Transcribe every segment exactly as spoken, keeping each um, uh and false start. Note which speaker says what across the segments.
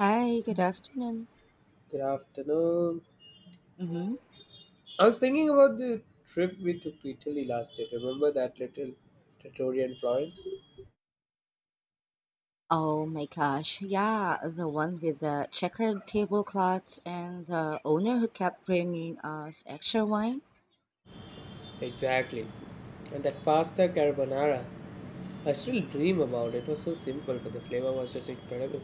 Speaker 1: Hi, good afternoon.
Speaker 2: Good afternoon.
Speaker 1: Mm-hmm.
Speaker 2: I was thinking about the trip we took to Italy last year. Remember that little trattoria in Florence?
Speaker 1: Oh my gosh, yeah, the one with the checkered tablecloths and the owner who kept bringing us extra wine.
Speaker 2: Exactly. And that pasta carbonara. I still dream about it. It was so simple, but the flavor was just incredible.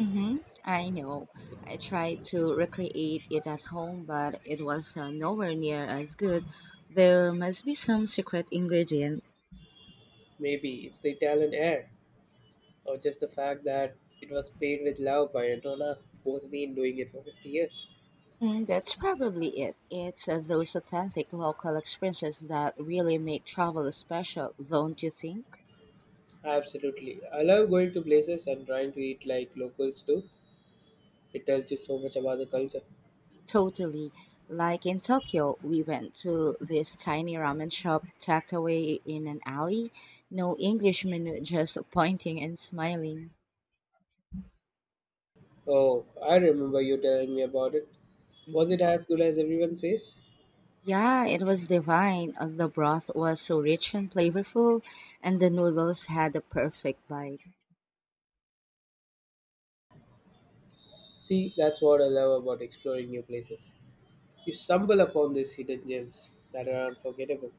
Speaker 1: Mm-hmm. I know. I tried to recreate it at home, but it was uh, nowhere near as good. There must be some secret ingredient.
Speaker 2: Maybe it's the Italian air, or just the fact that it was made with love by Antonella, who's been doing it for fifty years.
Speaker 1: Mm, that's probably it. It's uh, those authentic local experiences that really make travel special, don't you think?
Speaker 2: Absolutely. I love going to places and trying to eat like locals do. It tells you so much about the culture.
Speaker 1: Totally. Like in Tokyo, we went to this tiny ramen shop tucked away in an alley. No English menu, just pointing and smiling.
Speaker 2: Oh, I remember you telling me about it. Was
Speaker 1: Hmm.
Speaker 2: it as good as everyone says?
Speaker 1: Yeah, it was divine. Uh, The broth was so rich and flavorful, and the noodles had a perfect bite.
Speaker 2: See, that's what I love about exploring new places. You stumble upon these hidden gems that are unforgettable.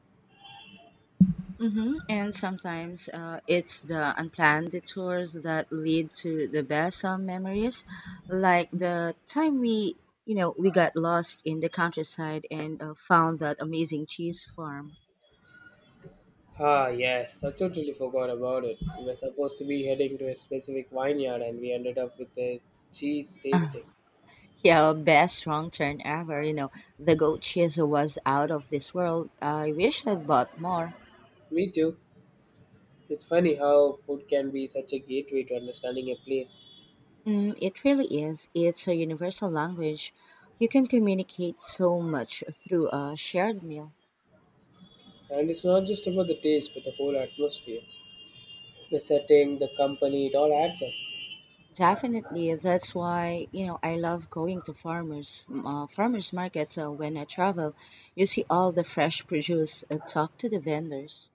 Speaker 1: Hmm. And sometimes uh, it's the unplanned detours that lead to the best uh, memories, like the time we, you know, we got lost in the countryside and uh, found that amazing cheese farm.
Speaker 2: Ah, yes, I totally forgot about it. We were supposed to be heading to a specific vineyard and we ended up with a cheese tasting.
Speaker 1: Yeah, best wrong turn ever. You know, the goat cheese was out of this world. I wish I'd bought more.
Speaker 2: Me too. It's funny how food can be such a gateway to understanding a place.
Speaker 1: Mm, it really is. It's a universal language. You can communicate so much through a shared meal.
Speaker 2: And it's not just about the taste, but the whole atmosphere. The setting, the company, it all adds up.
Speaker 1: Definitely. That's why, you know, I love going to farmers uh, farmers markets uh, when I travel. You see all the fresh produce, uh, talk to the vendors,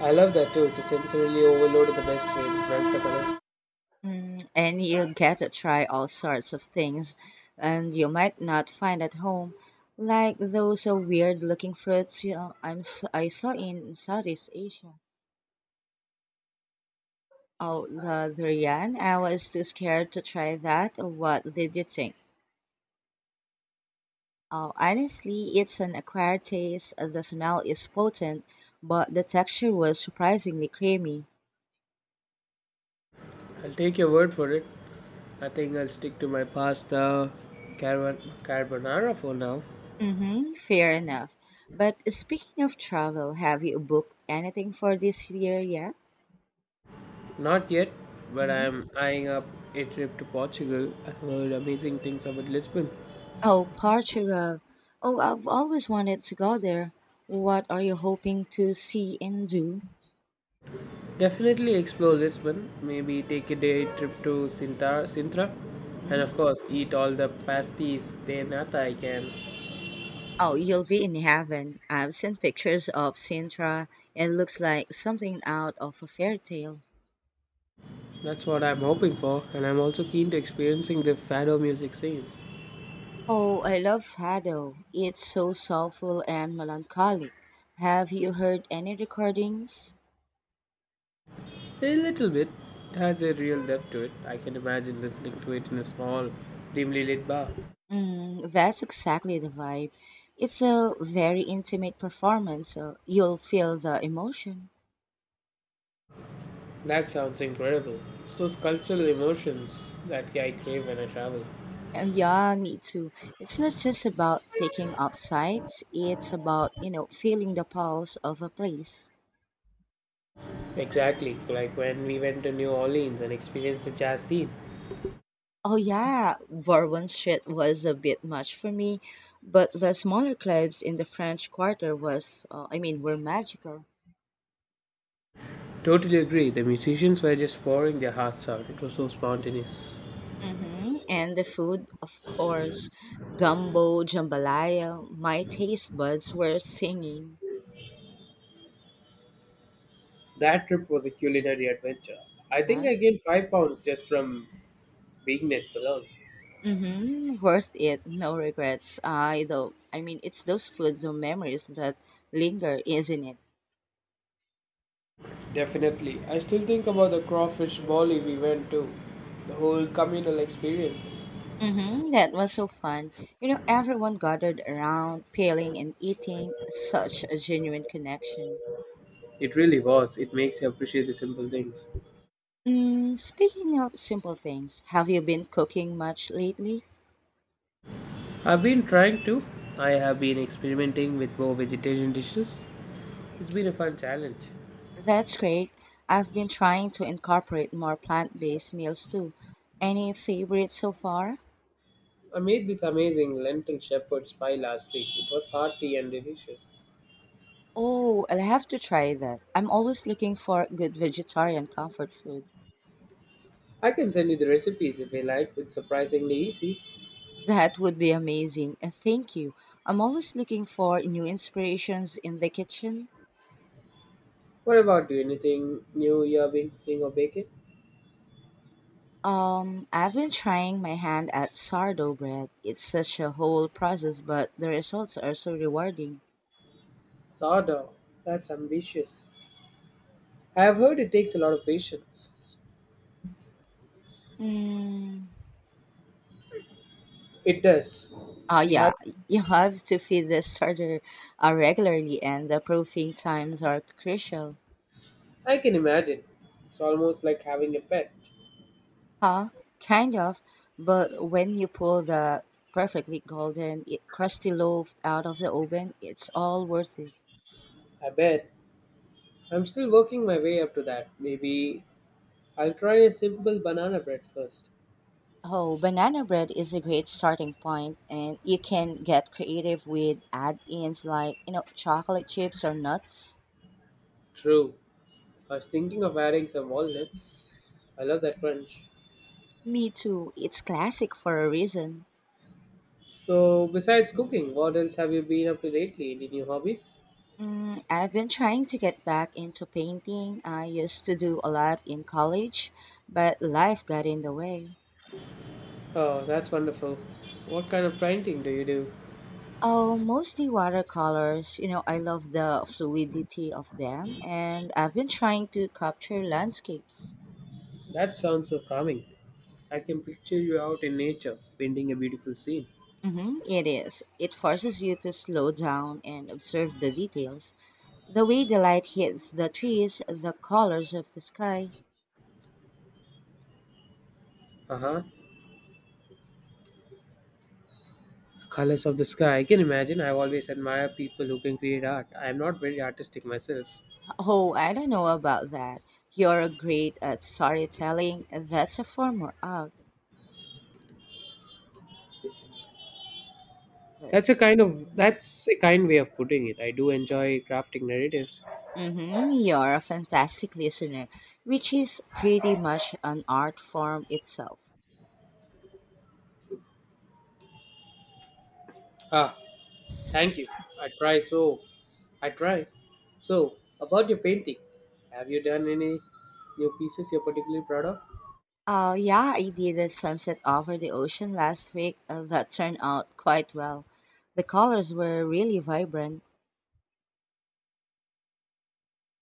Speaker 2: I love that too, to sensorily overload in the best way. It smells the colors.
Speaker 1: mm, and you get to try all sorts of things and you might not find at home, like those uh, weird-looking fruits, you know, I'm s- I saw in Southeast Asia. Oh, the durian. I was too scared to try that. What did you think? Oh, honestly, it's an acquired taste. The smell is potent, but the texture was surprisingly creamy.
Speaker 2: I'll take your word for it. I think I'll stick to my pasta carbo- carbonara for now.
Speaker 1: Mm-hmm, fair enough. But speaking of travel, have you booked anything for this year yet?
Speaker 2: Not yet, but
Speaker 1: Hmm.
Speaker 2: I'm eyeing up a trip to Portugal. I heard amazing things about Lisbon.
Speaker 1: Oh, Portugal. Oh, I've always wanted to go there. What are you hoping to see and do?
Speaker 2: Definitely explore Lisbon. Maybe take a day trip to Sintra, Sintra. And
Speaker 1: Hmm.
Speaker 2: of course, eat all the pasties de nata I can.
Speaker 1: Oh, you'll be in heaven. I've seen pictures of Sintra. It looks like something out of a fairy tale.
Speaker 2: That's what I'm hoping for, and I'm also keen to experiencing the fado music scene.
Speaker 1: Oh, I love Fado. It's so soulful and melancholic. Have you heard any recordings?
Speaker 2: A little bit. It has a real depth to it. I can imagine listening to it in a small, dimly lit bar.
Speaker 1: Mm, that's exactly the vibe. It's a very intimate performance, so you'll feel the emotion.
Speaker 2: That sounds incredible. It's those cultural emotions that I crave when I travel.
Speaker 1: Uh, Yeah, me too. It's not just about taking out sights, it's about, you know, feeling the pulse of a place.
Speaker 2: Exactly, like when we went to New Orleans and experienced the jazz scene.
Speaker 1: Oh yeah, Bourbon Street was a bit much for me, but the smaller clubs in the French Quarter was, uh, I mean, were magical.
Speaker 2: Totally agree. The musicians were just pouring their hearts out. It was so spontaneous.
Speaker 1: Mm-hmm. And the food, of course, gumbo, jambalaya. My taste buds were singing.
Speaker 2: That trip was a culinary adventure. I think
Speaker 1: Uh-huh.
Speaker 2: I gained five pounds just from big nets alone.
Speaker 1: Mm-hmm. Worth it. No regrets. I though. I mean, It's those foods or memories that linger, isn't it?
Speaker 2: Definitely. I still think about the crawfish volley we went to, the whole communal experience.
Speaker 1: Mm-hmm. That was so fun. You know, everyone gathered around, peeling and eating. Such a genuine connection.
Speaker 2: It really was. It makes you appreciate the simple things.
Speaker 1: Mm, speaking of simple things, have you been cooking much lately?
Speaker 2: I've been trying to. I have been experimenting with more vegetarian dishes. It's been a fun challenge.
Speaker 1: That's great. I've been trying to incorporate more plant based meals too. Any favorites so far?
Speaker 2: I made this amazing lentil shepherd's pie last week. It was hearty and delicious.
Speaker 1: Oh, I'll have to try that. I'm always looking for good vegetarian comfort food.
Speaker 2: I can send you the recipes if you like. It's surprisingly easy.
Speaker 1: That would be amazing. And thank you. I'm always looking for new inspirations in the kitchen.
Speaker 2: What about you? Anything new you have been cooking or baking?
Speaker 1: Um, I've been trying my hand at sourdough bread. It's such a whole process, but the results are so rewarding.
Speaker 2: Sourdough. That's ambitious. I have heard it takes a lot of patience.
Speaker 1: Mm.
Speaker 2: It does.
Speaker 1: Uh,
Speaker 2: You have.
Speaker 1: yeah, you have to feed the starter uh, regularly, and the proofing times are crucial.
Speaker 2: I can imagine. It's almost like having a pet.
Speaker 1: Huh? Kind of. But when you pull the perfectly golden, i- crusty loaf out of the oven, it's all worth it.
Speaker 2: I bet. I'm still working my way up to that. Maybe I'll try a simple banana bread first.
Speaker 1: Oh, banana bread is a great starting point, and you can get creative with add ins like, you know, chocolate chips or nuts.
Speaker 2: True. I was thinking of adding some walnuts. I love that crunch.
Speaker 1: Me too, it's classic for a reason.
Speaker 2: So, besides cooking, what else have you been up to lately? Any new hobbies?
Speaker 1: Mm, I've been trying to get back into painting. I used to do a lot in college, but life got in the way.
Speaker 2: Oh, that's wonderful. What kind of painting do you do?
Speaker 1: Oh, mostly watercolors. You know, I love the fluidity of them, and I've been trying to capture landscapes.
Speaker 2: That sounds so calming. I can picture you out in nature, painting a beautiful scene.
Speaker 1: Mm-hmm, it is. It forces you to slow down and observe the details. The way the light hits the trees, the colors of the sky.
Speaker 2: Uh-huh, colors of the sky. I can imagine. I've always admired people who can create art. I am not very artistic myself.
Speaker 1: Oh, I don't know about that. You're great at storytelling. That's a form of art. Mm-hmm.
Speaker 2: That's a kind of that's a kind way of putting it. I do enjoy crafting narratives.
Speaker 1: Mm. You're a fantastic listener, which is pretty much an art form itself.
Speaker 2: Ah, thank you. i try so I try. So about your painting, have you done any new pieces you're particularly proud of?
Speaker 1: Uh, yeah, I did a sunset over the ocean last week uh, that turned out quite well. The colors were really vibrant.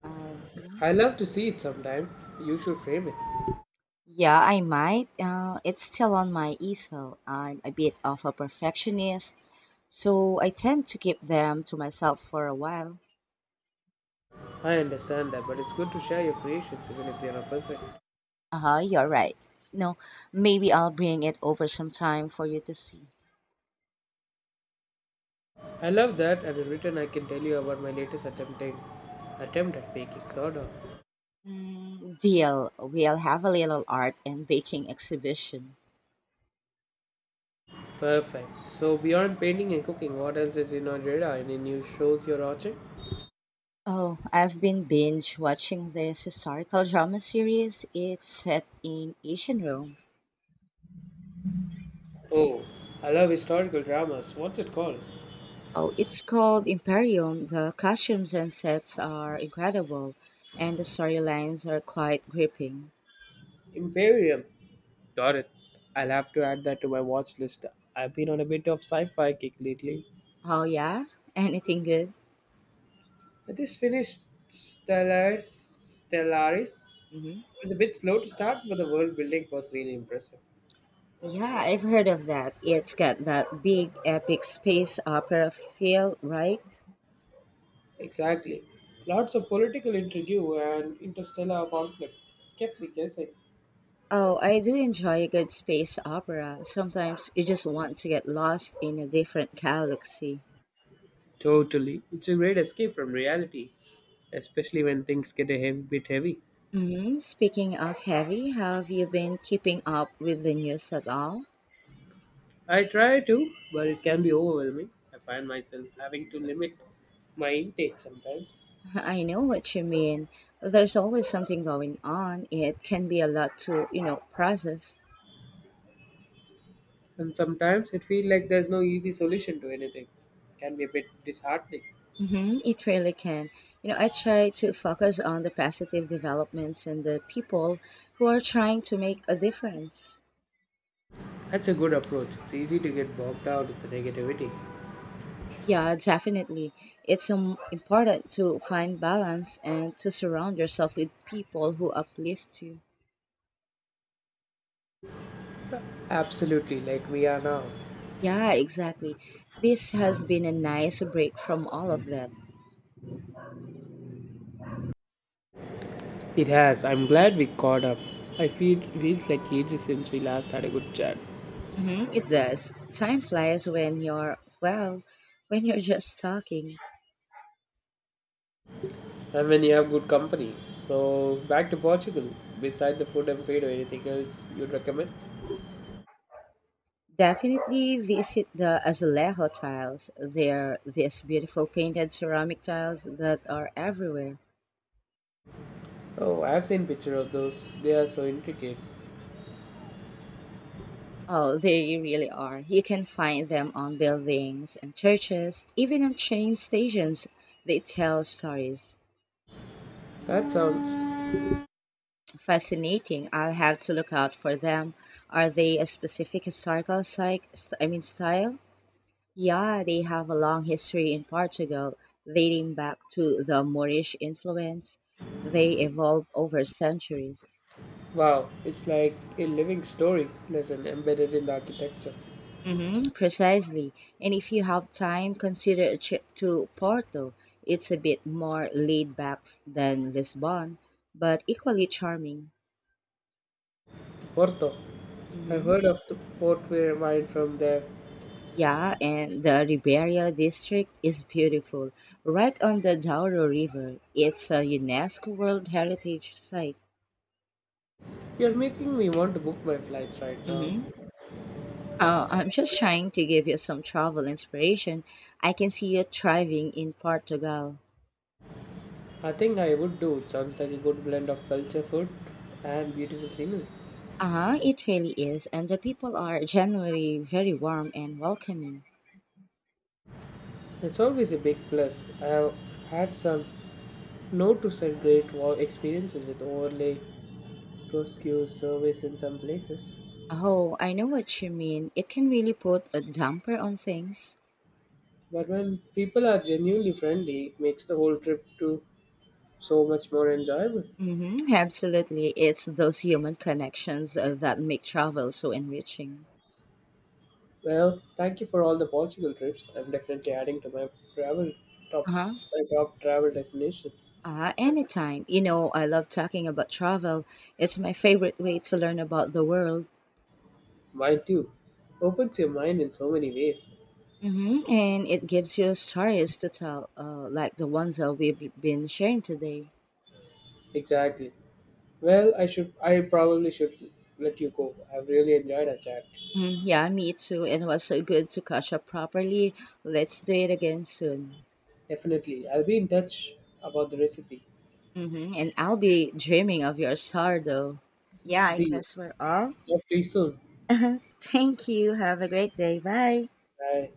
Speaker 1: Mhm.
Speaker 2: I love to see it sometime. You should frame it.
Speaker 1: Yeah, I might. Uh, it's still on my easel. I'm a bit of a perfectionist, so I tend to keep them to myself for a while.
Speaker 2: I understand that, but it's good to share your creations even if they are not perfect.
Speaker 1: Uh huh, you're right. No, maybe I'll bring it over sometime for you to see.
Speaker 2: I love that, and in return, I can tell you about my latest attempting attempt at baking soda.
Speaker 1: Deal. We'll have a little art and baking exhibition.
Speaker 2: Perfect. So, beyond painting and cooking, what else is in your radar? Any new shows you're watching?
Speaker 1: Oh, I've been binge watching this historical drama series. It's set in ancient Rome.
Speaker 2: Oh, I love historical dramas. What's it called?
Speaker 1: Oh, it's called Imperium. The costumes and sets are incredible, and the storylines are quite gripping.
Speaker 2: Imperium. Got it. I'll have to add that to my watch list. I've been on a bit of sci-fi kick lately.
Speaker 1: Oh, yeah? Anything good?
Speaker 2: I just finished Stellaris. Stellaris.
Speaker 1: Hmm.
Speaker 2: It was a bit slow to start, but the world building was really impressive.
Speaker 1: Yeah, I've heard of that. It's got that big epic space opera feel, right?
Speaker 2: Exactly. Lots of political intrigue and interstellar conflict kept me guessing.
Speaker 1: Oh, I do enjoy a good space opera. Sometimes you just want to get lost in a different galaxy.
Speaker 2: Totally. It's a great escape from reality, especially when things get a heavy, bit heavy.
Speaker 1: Hmm. Speaking of heavy, have you been keeping up with the news at all?
Speaker 2: I try to, but it can be overwhelming. I find myself having to limit my intake sometimes.
Speaker 1: I know what you mean. There's always something going on. It can be a lot to, you know, process.
Speaker 2: And sometimes it feels like there's no easy solution to anything. It can be a bit disheartening.
Speaker 1: Hmm. It really can. You know, I try to focus on the positive developments and the people who are trying to make a difference.
Speaker 2: That's a good approach. It's easy to get bogged down in the negativity.
Speaker 1: Yeah, definitely. It's um, important to find balance and to surround yourself with people who uplift you.
Speaker 2: Absolutely, like we are now.
Speaker 1: Yeah, exactly. This has been a nice break from all of that.
Speaker 2: It has. I'm glad we caught up. I feel feels like ages since we last had a good chat.
Speaker 1: Hmm, it does. Time flies when you're, well, when you're just talking.
Speaker 2: And when you have good company. So back to Portugal. Beside the food and fade or anything else you'd recommend?
Speaker 1: Definitely visit the Azulejo tiles. They're these beautiful painted ceramic tiles that are everywhere.
Speaker 2: Oh, I've seen picture of those. They are so intricate.
Speaker 1: Oh, they really are. You can find them on buildings and churches, even on train stations. They tell stories.
Speaker 2: That sounds
Speaker 1: Fascinating. I'll have to look out for them. Are they a specific historical psych, st- I mean style? Yeah, they have a long history in Portugal, dating back to the Moorish influence. They evolved over centuries.
Speaker 2: wow. It's like a living story lesson embedded in the architecture.
Speaker 1: Mm-hmm, precisely. And if you have time, consider a trip to Porto. It's a bit more laid back than Lisbon, but equally charming.
Speaker 2: Porto. I've
Speaker 1: Mm-hmm.
Speaker 2: heard of the port wine from there.
Speaker 1: Yeah, and the Ribeira district is beautiful. Right on the Douro River, it's a UNESCO World Heritage Site.
Speaker 2: You're making me want to book my flights right now.
Speaker 1: Mm-hmm. Oh, I'm just trying to give you some travel inspiration. I can see you thriving in Portugal.
Speaker 2: I think I would do. It sounds like a good blend of culture, food, and beautiful scenery.
Speaker 1: Uh-huh, it really is, and the people are generally very warm and welcoming.
Speaker 2: It's always a big plus. I have had some no to said great wow experiences with overlay, proscue service in some places.
Speaker 1: Oh, I know what you mean. It can really put a damper on things.
Speaker 2: But when people are genuinely friendly, it makes the whole trip to so much more enjoyable.
Speaker 1: Mm-hmm, absolutely. It's those human connections uh, that make travel so enriching.
Speaker 2: Well, thank you for all the Portugal trips. I'm definitely adding to my travel top
Speaker 1: Uh-huh.
Speaker 2: my top travel destinations.
Speaker 1: Uh, anytime. You know, I love talking about travel. It's my favorite way to learn about the world.
Speaker 2: Mind you, opens your mind in so many ways.
Speaker 1: Mm-hmm, and it gives you stories to tell, uh, like the ones that we've been sharing today.
Speaker 2: Exactly. Well, I should I probably should let you go. I've really enjoyed our chat.
Speaker 1: Mm, yeah, me too. It was so good to catch up properly. Let's do it again soon.
Speaker 2: Definitely. I'll be in touch about the recipe.
Speaker 1: Mm-hmm. And I'll be dreaming of your sourdough. Yeah, I
Speaker 2: Deal.
Speaker 1: guess we're all.
Speaker 2: Talk to you soon.
Speaker 1: Thank you. Have a great day. Bye.
Speaker 2: Bye.